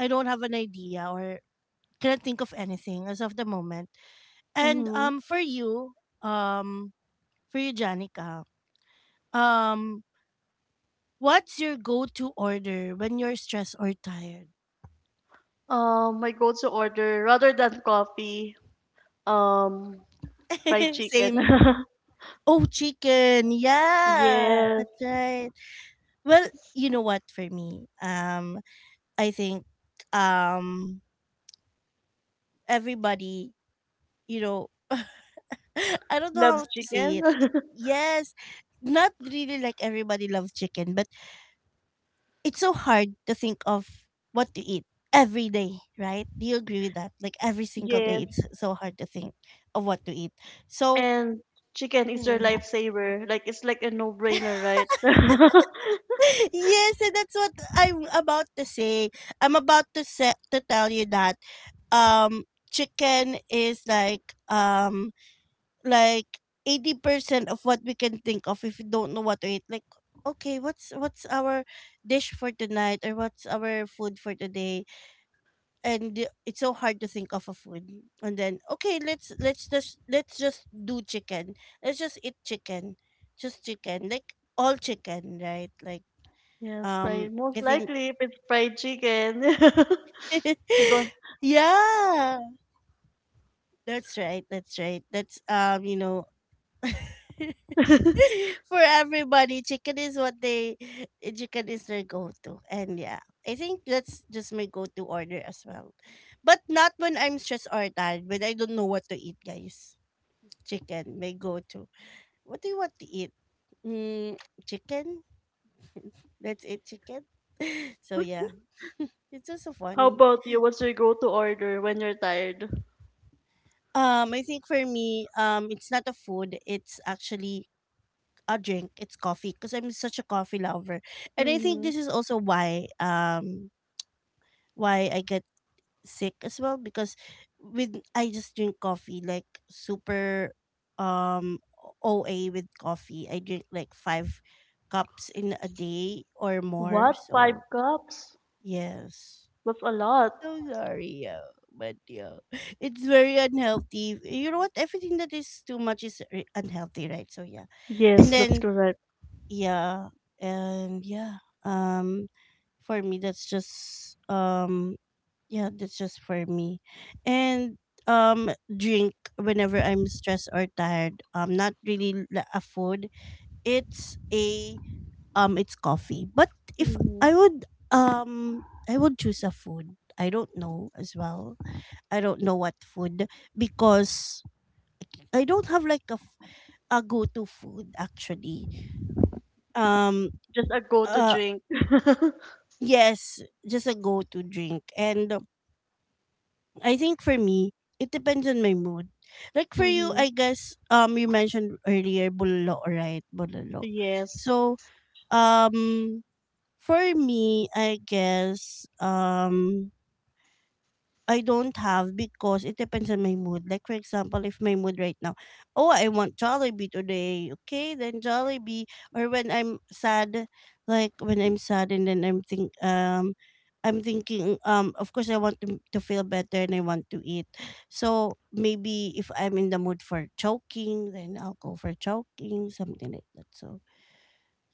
A: I don't have an idea or cannot think of anything as of the moment. And
B: Mm-hmm.
A: um, for you, Janica, um, what's your go-to order when you're stressed or tired?
B: My go-to order, rather than coffee, um, fried chicken.
A: Same. Oh, chicken. Yeah,
B: Yes,
A: that's right. Well, you know what for me? I think um everybody, you know, I don't
B: loves
A: know how to say
B: chicken.
A: it. Yes, not really like everybody loves chicken, but it's so hard to think of what to eat every day, right? Do you agree with that? Like every single day,
B: Yes,
A: it's so hard to think of what to eat. So,
B: and chicken is their
A: mm.
B: lifesaver. Like, it's like a no-brainer, right?
A: Yes, and that's what I'm about to say. I'm about to say, to tell you that um chicken is like 80% of what we can think of if we don't know what to eat. Like okay, what's our dish for tonight or what's our food for today? And it's so hard to think of a food. And then okay, let's just do chicken. Let's just eat chicken. Just chicken. Like all chicken, right? Like
B: Yes,
A: um
B: fried. Most
A: I think
B: likely if it's fried chicken. You
A: yeah. That's right. That's right. That's
B: go-
A: for everybody, chicken is what they, chicken is their go-to. And yeah, I think that's just my go-to order as well. But not when I'm stressed or tired, when I don't know what to eat, guys. Chicken, my go-to. What do you want to eat? Mm, chicken. Let's eat chicken. Yeah, it's just so
B: How
A: funny.
B: about you? What's your go-to order when you're tired?
A: I think for me, it's not a food. It's actually a drink. It's coffee because I'm such a coffee lover, and I think
B: Mm-hmm.
A: this is also why I get sick as well because with I just drink coffee like super um OA with coffee. I drink like 5 cups in a day or more.
B: What? Five
A: So
B: cups?
A: yes.
B: That's a lot.
A: Sorry, yeah. But yeah, it's very unhealthy. You know what? Everything that is too much is unhealthy, right? So yeah, and
B: Yes, that's
A: then
B: correct.
A: yeah, and yeah. For me, that's just yeah, that's just for me, and drink whenever I'm stressed or tired. Not really a food. It's a it's coffee. But if
B: Hmm.
A: I would I would choose a food. I don't know as well I don't know what food because I don't have like a go-to food actually. Um
B: Just a go-to
A: uh
B: drink.
A: yes, just a go-to drink. And I think for me, it depends on my mood. Like for you,
B: Hmm.
A: I guess you mentioned earlier bulalo, right? Bulalo.
B: Yes.
A: So, um for me, I guess I don't have because it depends on my mood. Like for example, if my mood right now, oh, I want Jollibee today. Okay, then Jollibee. Or when I'm sad, like when I'm sad and then I'm thinking of course I want to feel better and I want to eat. So maybe if I'm in the mood for choking, then I'll go for choking, something like that. So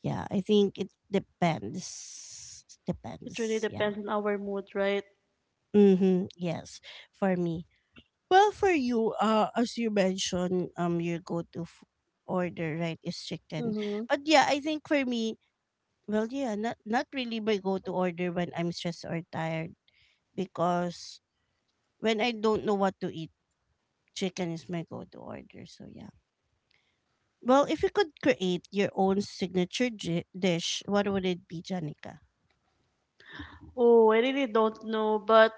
A: yeah, I think it depends.
B: It really
A: Depends.
B: depends
A: Yeah.
B: on our mood, right?
A: Mhm. Yes, for me. Well, for you, as you mentioned, your order, right, is chicken.
B: Mm-hmm.
A: But yeah, I think for me, well, yeah, not really my go-to order when I'm stressed or tired, because when I don't know what to eat, chicken is my go-to order. So yeah. Well, if you could create your own signature dish, what would it be, Janica?
B: Oh, I really don't know, but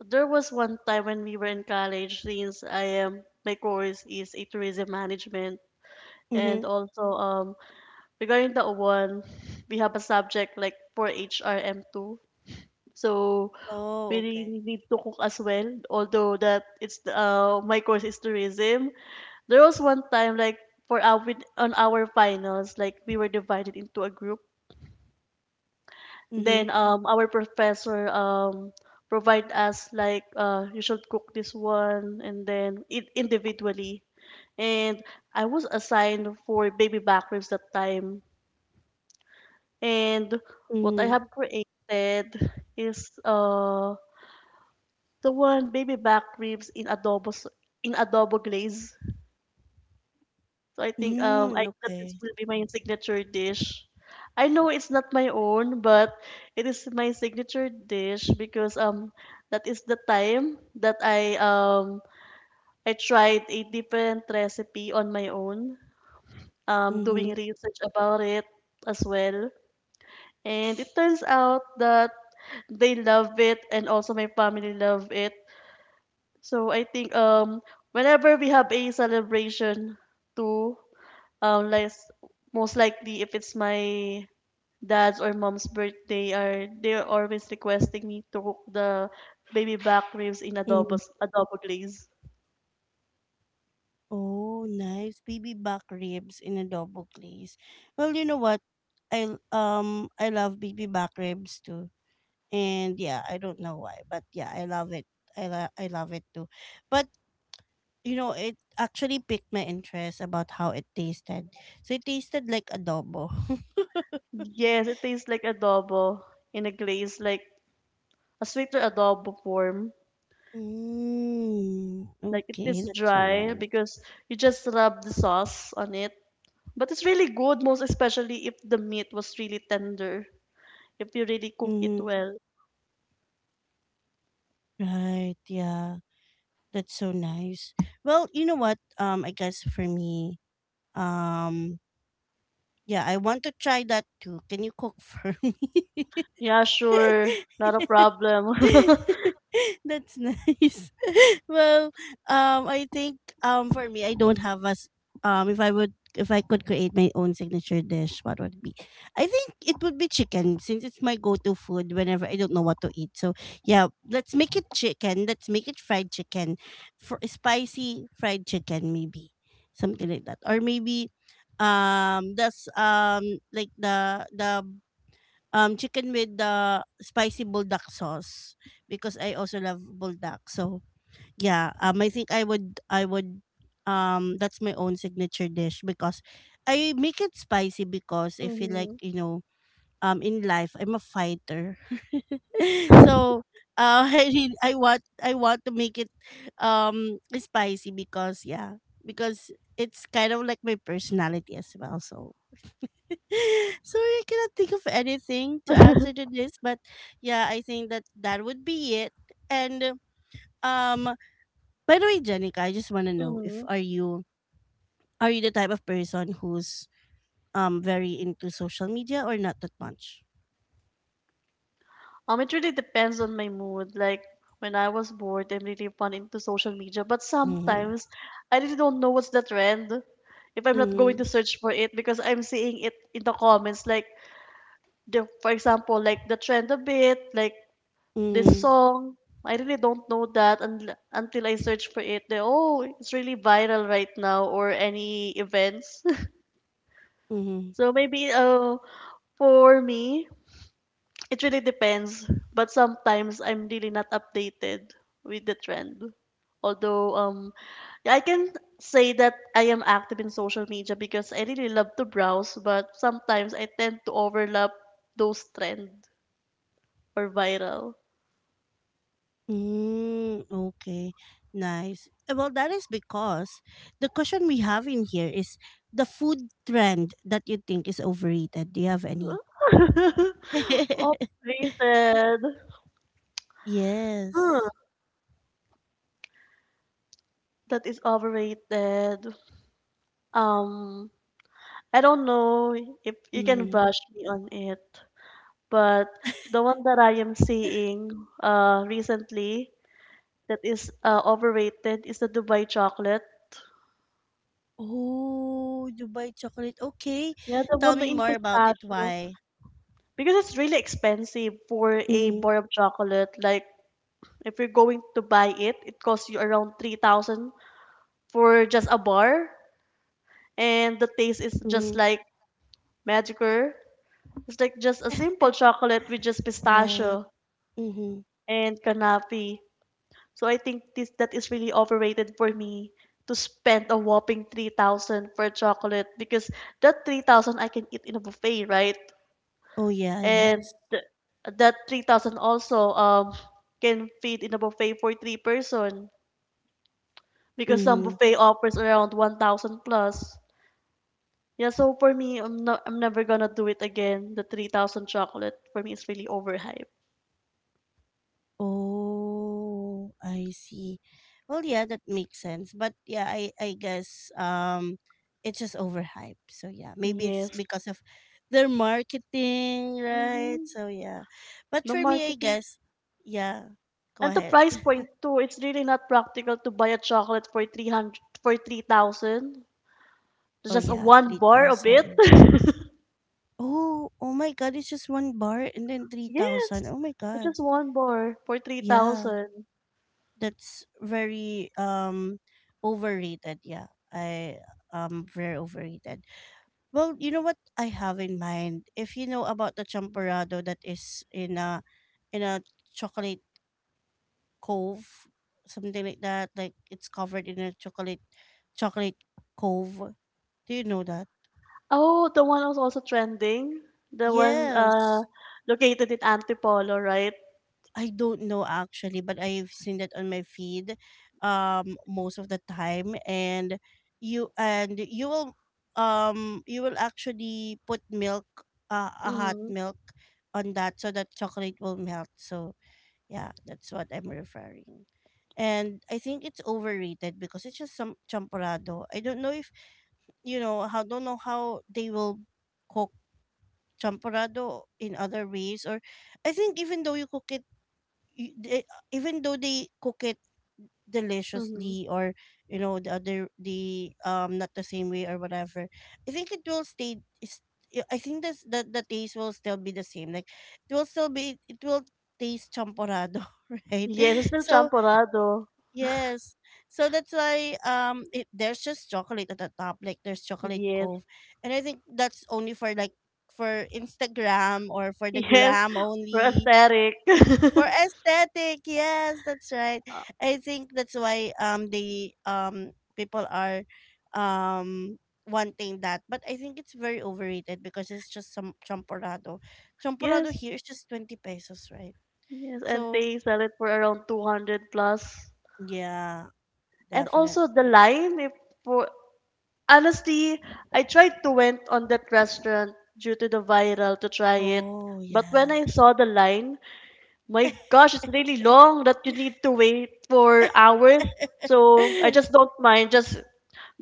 B: there was one time when we were in college, since I am my course is a tourism management,
A: Mm-hmm.
B: and also, regarding the one, we have a subject like for HRM2. So
A: Oh,
B: we really
A: okay.
B: need to cook as well. Although that it's my course is tourism. There was one time like for our on our finals, like we were divided into a group. Then,
A: Mm-hmm.
B: our professor, provide us like, you should cook this one, and then it individually. And I was assigned for baby back ribs that time. And what I
A: Mm-hmm.
B: have created is the one baby back ribs in adobo in adobo glaze. So I think, I
A: Mm,
B: that this
A: okay.
B: will be my signature dish. I know it's not my own, but it is my signature dish because, that is the time that I tried a different recipe on my own,
A: Mm-hmm.
B: doing research about it as well. And it turns out that they love it, and also my family love it. So I think, whenever we have a celebration too, like, most likely if it's my dad's or mom's birthday, are they're always requesting me to cook the baby back ribs in
A: Mm-hmm.
B: adobo glaze.
A: Oh, nice. Baby back ribs in adobo glaze. Well, you know what? I love baby back ribs too. And yeah, I don't know why, but yeah, I love it. I love it too. But you know, it actually piqued my interest about how it tasted. So it tasted like adobo.
B: Yes, it tastes like adobo in a glaze, like a sweeter adobo form.
A: Mm,
B: Like, it
A: okay,
B: is
A: that's so
B: dry
A: nice.
B: because you just rub the sauce on it. But it's really good, most especially if the meat was really tender, if you really cook it
A: Mm-hmm.
B: well.
A: Right, yeah. That's so nice. Well, you know what? I guess for me, um, yeah, I want to try that too. Can you cook for me?
B: Yeah, sure. Not a problem.
A: That's nice. well, I think for me, I don't have If I would, if I could create my own signature dish, what would it be? I think it would be chicken since it's my go-to food whenever I don't know what to eat. So yeah, let's make it chicken. Let's make it fried chicken, for spicy fried chicken maybe something like that, or maybe that's like the chicken with the spicy buldak sauce because I also love buldak. So yeah, I think I would that's my own signature dish because I make it spicy because I feel like
B: Hmm.
A: you know in life I'm a fighter so I really, I want to make it spicy because yeah because it's kind of like my personality as well so sorry I cannot think of anything to answer to this but yeah I think that that would be it and um by the way, Jenica, I just want to know if
B: Hmm.
A: are you the type of person who's very into social media or not that much.
B: It really depends on my mood. Like when I was bored, I'm really fun into social media. But
A: Mm-hmm.
B: sometimes I really don't know what's the trend. If I'm not going
A: Mm-hmm.
B: to search for it because I'm seeing it in the comments, like the for example, like the trend a bit, like this
A: Mm,
B: song. I really don't know that until I search for it. Then, oh, it's really viral right now, or any events.
A: mm,
B: So maybe, for me, it really depends. But sometimes I'm really not updated with the trend. Although, yeah, I can say that I am active in social media because I really love to browse, but sometimes I tend to overlap those trend or viral.
A: okay, nice. Well, that is because the question we have in here is the food trend that you think is overrated. Do you have any?
B: Updated. Huh,
A: yes.
B: that is overrated. Um, I don't know if you can
A: Mm.
B: bash me on it, but the one that I am seeing recently that is, overrated is the Dubai chocolate.
A: Oh, Dubai chocolate. Okay,
B: Yeah, the
A: tell
B: one
A: me
B: in
A: more about it.
B: pistachio.
A: Why?
B: Because it's really expensive for a
A: Mm.
B: bar of chocolate. Like, if you're going to buy it, it costs you around 3,000 for just a bar. And the taste is just
A: Hmm.
B: like magical. It's like just a simple chocolate with just
A: Right.
B: pistachio
A: Mm-hmm.
B: and canape. So I think this that is really overrated for me, to spend a whopping 3,000 for chocolate, because that 3,000 I can eat in a buffet, right?
A: Oh yeah.
B: Yeah. And
A: Yes.
B: th- that 3,000 also can feed in a buffet for three person, because some
A: Mm-hmm.
B: buffet offers around 1,000 plus. Yeah, so for me, I'm not, I'm never gonna do it again. The 3,000 chocolate for me is really overhyped.
A: Oh, I see. Well, yeah, that makes sense. But yeah, I guess it's just overhyped. So yeah, maybe it's
B: Yes.
A: because of their marketing, right?
B: Mhm.
A: So yeah. But
B: No
A: for me, I
B: marketing.
A: guess yeah. Go
B: And the
A: ahead.
B: price point too, it's really not practical to buy a chocolate for 300 for 3,000.
A: Oh
B: Just
A: yeah,
B: one bar of it.
A: 3,000. Oh, oh my god, it's just one bar and then 3,000.
B: Yes.
A: Oh my
B: It's
A: god.
B: just one bar for
A: Yeah.
B: 3,000.
A: That's very overrated. Yeah. I very overrated. Well, you know what I have in mind? If you know about the champorado that is in a in a chocolate cove, something like that, like it's covered in a chocolate cove. Do you know that?
B: Oh, the one was also trending. The one
A: Yes.
B: located in Antipolo, right?
A: I don't know actually, but I've seen that on my feed most of the time and you and you will you will actually put milk a hot
B: Mhm.
A: milk on that so that chocolate will melt. So yeah, that's what I'm referring. And I think it's overrated because it's just some champorado. I don't know if you know how don't know how they will cook champorado in other ways or I think even though you cook it you- they- even though they cook it
B: Mhm.
A: deliciously or you know the other the not the same way or whatever I think it will stay is yeah, I think that's that the taste will still be the same like it will taste champorado right
B: Yes, it's still
A: so
B: champorado.
A: yes. So that's why there's just chocolate at the top, like there's chocolate
B: Yes.
A: cove. And I think that's only for like for Instagram or for the
B: Yes.
A: gram
B: For
A: only.
B: aesthetic.
A: For aesthetic, yes, that's right. I think that's why the people are um wanting that. But I think it's very overrated because it's just some champorado. Champorado
B: Yes,
A: here is just 20 pesos, right?
B: yes, and
A: So
B: they sell it for around 200 plus.
A: yeah,
B: And also the
A: definitely.
B: line, if for honestly, I tried to went on that restaurant due to the viral to try it.
A: Oh
B: But when I
A: yeah.
B: saw the line, my gosh, it's really long that you need to wait for hours. So I just don't mind. Just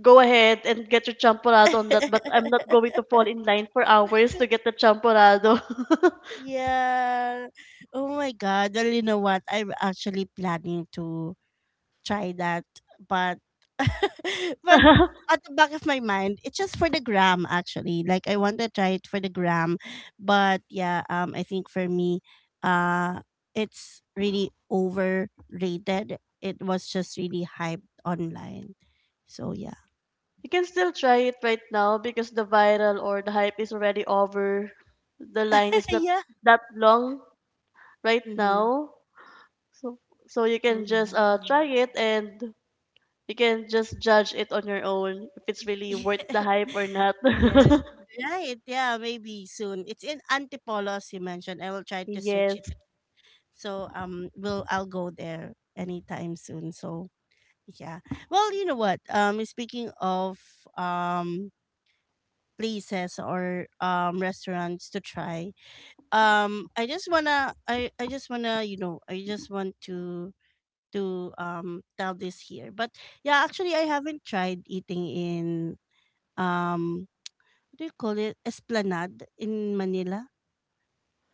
B: go ahead and get your champorado on that. But I'm not going to fall in line for hours to get the champorado.
A: Yeah. Oh my God. Well, you know what? I'm actually planning to try that, but but at the back of my mind, it's just for the gram actually. Like I want to try it for the gram, but yeah, I think for me, uh, it's really overrated. It was just really hyped online, so yeah,
B: You can still try it right now because the viral or the hype is already over. The line is not
A: yeah.
B: that long right
A: Mm-hmm.
B: now. So so you
A: Oh
B: can just try
A: yeah.
B: it, and you can just judge it on your own if it's really worth the hype or not.
A: Yeah. Right. Yeah, maybe soon. It's in Antipolos you mentioned. I will try to search it.
B: Yes.
A: So will I'll go there anytime soon. So yeah. Well, you know what? Speaking of um places or restaurants to try. I just I just wanna, you know, I just want to tell this here. But yeah, actually I haven't tried eating in um what do you call it? Esplanade in Manila?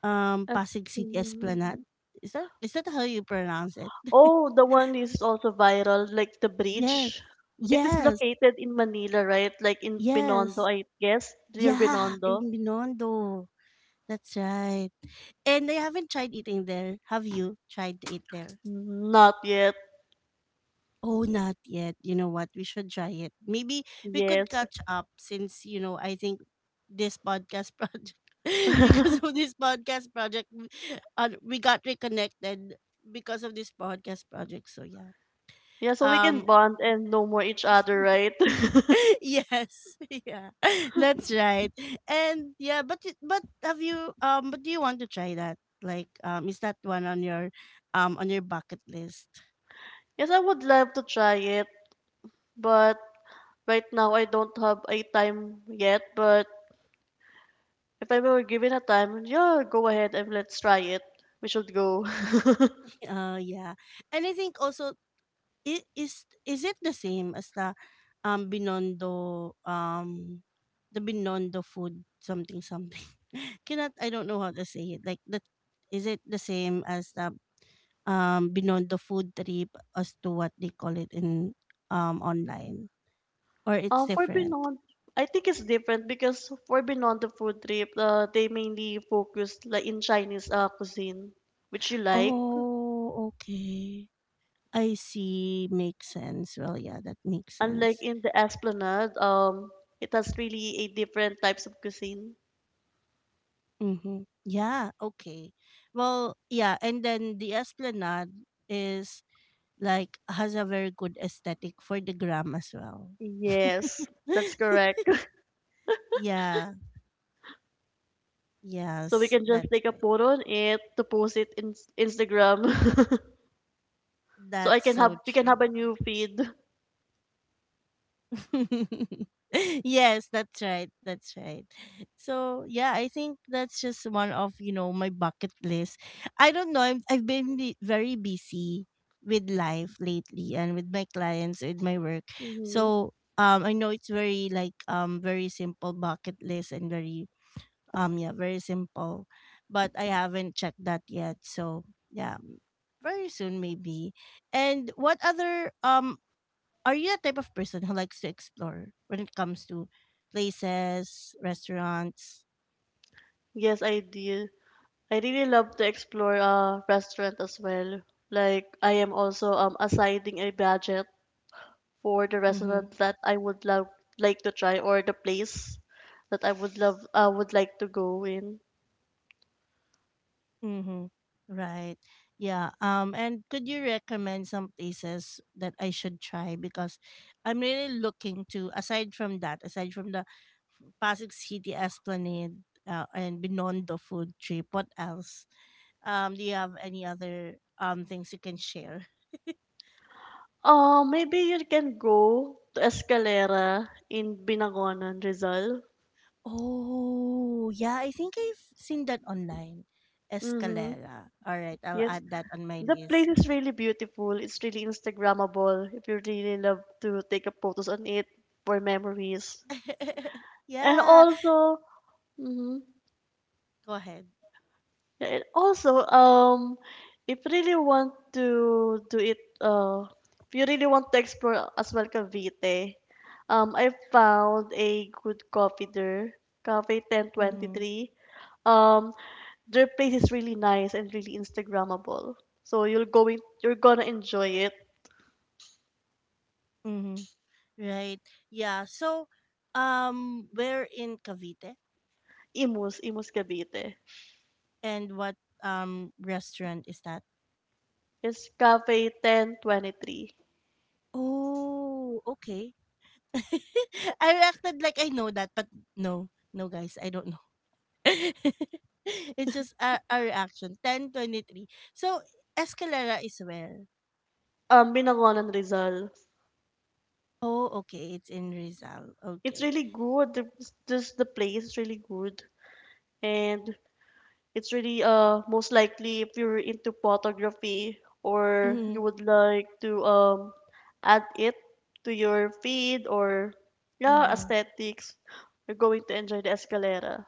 B: As-
A: Pasig City Esplanade. Mm. Is that how you pronounce it?
B: Oh, the one is also viral, like the
A: Yes.
B: bridge. It is
A: Yes.
B: located in Manila, right? Like in Binondo,
A: Yes.
B: I guess, near
A: Yeah,
B: Binondo.
A: in Binondo. That's right. And I haven't tried eating there. Have you tried to eat there?
B: Not yet.
A: Oh, not yet. You know what? We should try it. Maybe we could
B: Yes.
A: catch up since, you know, I think this podcast project, because of this podcast project, we got reconnected because of this podcast project. So, yeah.
B: Yeah, so we can
A: Um,
B: bond and know more each other, right?
A: yes, yeah, that's right. And yeah, but but have you um? But do you want to try that? Like is that one on your bucket list?
B: Yes, I would love to try it, but right now, I don't have a time yet, but if I were given a time, yeah, go ahead and let's try it. We should go.
A: Yeah. And I think also is it the same as the Binondo the Binondo food something something? Cannot I don't know how to say it. Like that is it the same as the Binondo food trip as to what they call it in online or it's
B: For
A: different?
B: Beyond, I think it's different because for Beyond the food trip, they mainly focused like in Chinese, cuisine, which you like.
A: Oh, okay. I see. Makes sense. Well, yeah, that makes
B: Unlike
A: sense.
B: in the Esplanade, it has really a different types of cuisine.
A: Mm-hmm. Yeah. Okay. Well, yeah, and then the Esplanade is like has a very good aesthetic for the gram as well.
B: Yes, that's correct.
A: yeah.
B: So we
A: Yes.
B: can just
A: That's
B: take a
A: it.
B: photo on it to post it in Instagram. So I
A: That's
B: can
A: so
B: have we can have a
A: true.
B: new feed.
A: yes, that's right. That's right. So yeah, I think that's just one of you know my bucket list. I don't know. I'm, I've been be- very busy with life lately and with my clients, with my work.
B: Hmm.
A: So I know it's very like very simple bucket list and very yeah very simple, but I haven't checked that yet. So yeah, very soon maybe. And what other are you the type of person who likes to explore when it comes to places, restaurants?
B: Yes, I did. I really love to explore a restaurant as well. Like I am also assigning a budget for the
A: Mm-hmm.
B: restaurant that I would love like to try, or the place that I would like to go in.
A: Mm-hmm. Right. Yeah. And could you recommend some places that I should try? Because I'm really looking to. Aside from that, aside from the Pasig City Esplanade and Binondo food trip, what else? Do you have any other things you can share?
B: Maybe you can go to Escalera in Binangonan, Rizal.
A: Oh, yeah, I think I've seen that online.
B: Mm-hmm.
A: Escalera. All right, I'll
B: Yes,
A: add Mm. that on my
B: the place
A: list.
B: is really beautiful. It's really Instagrammable if you really love to take up photos on it for memories. And
A: yeah,
B: also, mhm.
A: go ahead.
B: Yeah, and also, if you really want to do it, if you really want to explore as well Cavite, I found a good coffee there, Cafe
A: Mm-hmm.
B: 1023. Um, their place is really nice and really Instagrammable. So you're gonna enjoy it.
A: Mm-hmm. Right. Yeah. So, we're in Cavite,
B: Imus, Imus Cavite.
A: and what restaurant is that?
B: It's Cafe 1023.
A: Oh, okay. I acted like I know that, but no, no, guys, I don't know. it's just a reaction. 1023. So Escalera is where?
B: Binagonan Rizal.
A: Oh, okay. It's in Rizal.
B: It's
A: Okay.
B: really good. The- Just the place is really good. And it's really most likely if you're into photography, or you
A: Mm-hmm.
B: would like to add it to your feed, or yeah,
A: Mm-hmm.
B: aesthetics, you're going to enjoy the Escalera.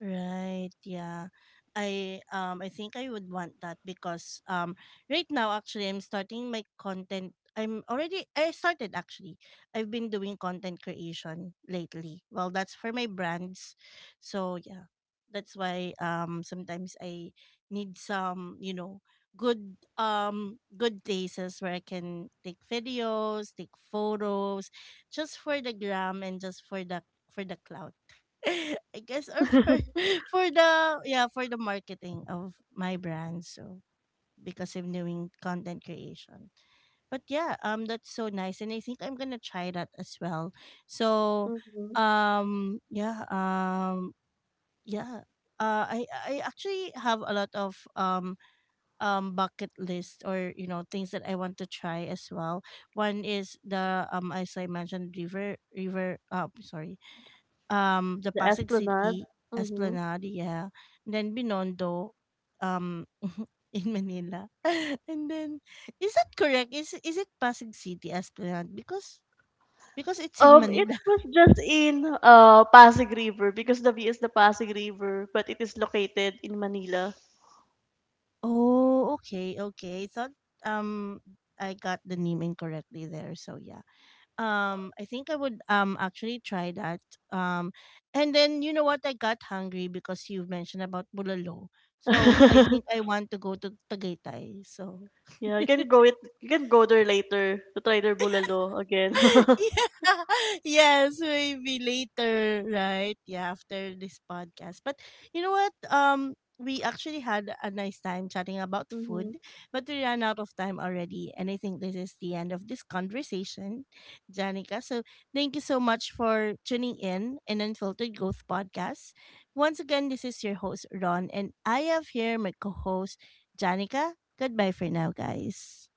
A: Right, yeah. I think I would want that because right now actually I'm starting my content I'm already I started actually. I've been doing content creation lately. Well, that's for my brands. So, yeah. That's why sometimes I need some, you know, good places where I can take videos, take photos just for the gram and just for the clout. I guess or for the yeah for the marketing of my brand so because I'm doing content creation but yeah that's so nice and I think I'm gonna try that as well so
B: Hmm.
A: yeah yeah I actually have a lot of bucket list or you know things that I want to try as well. One is the as I mentioned river river sorry the
B: The
A: Pasig
B: Esplanade.
A: City
B: Hmm.
A: Esplanade, yeah. And then Binondo, um, in Manila. And then, is that correct? Is it Pasig City Esplanade? Because it's in
B: It
A: Manila.
B: was just in Pasig River because the V is the Pasig River, but it is located in Manila.
A: Oh, okay, okay. I thought um I got the name incorrectly there. So yeah. I think I would actually try that. Um, and then you know what? I got hungry because you mentioned about bulalo. So I think I want to go to Tagaytay. So
B: Yeah, you can go it. You can go there later to try their bulalo again.
A: yeah. Yes, maybe later, right? Yeah, after this podcast. But you know what? We actually had a nice time chatting about
B: Mhm.
A: food, but we ran out of time already. And I think this is the end of this conversation, Janica. So thank you so much for tuning in Unfiltered Growth Podcast. Once again, this is your host, Ron, and I have here my co host, Janica. Goodbye for now, guys.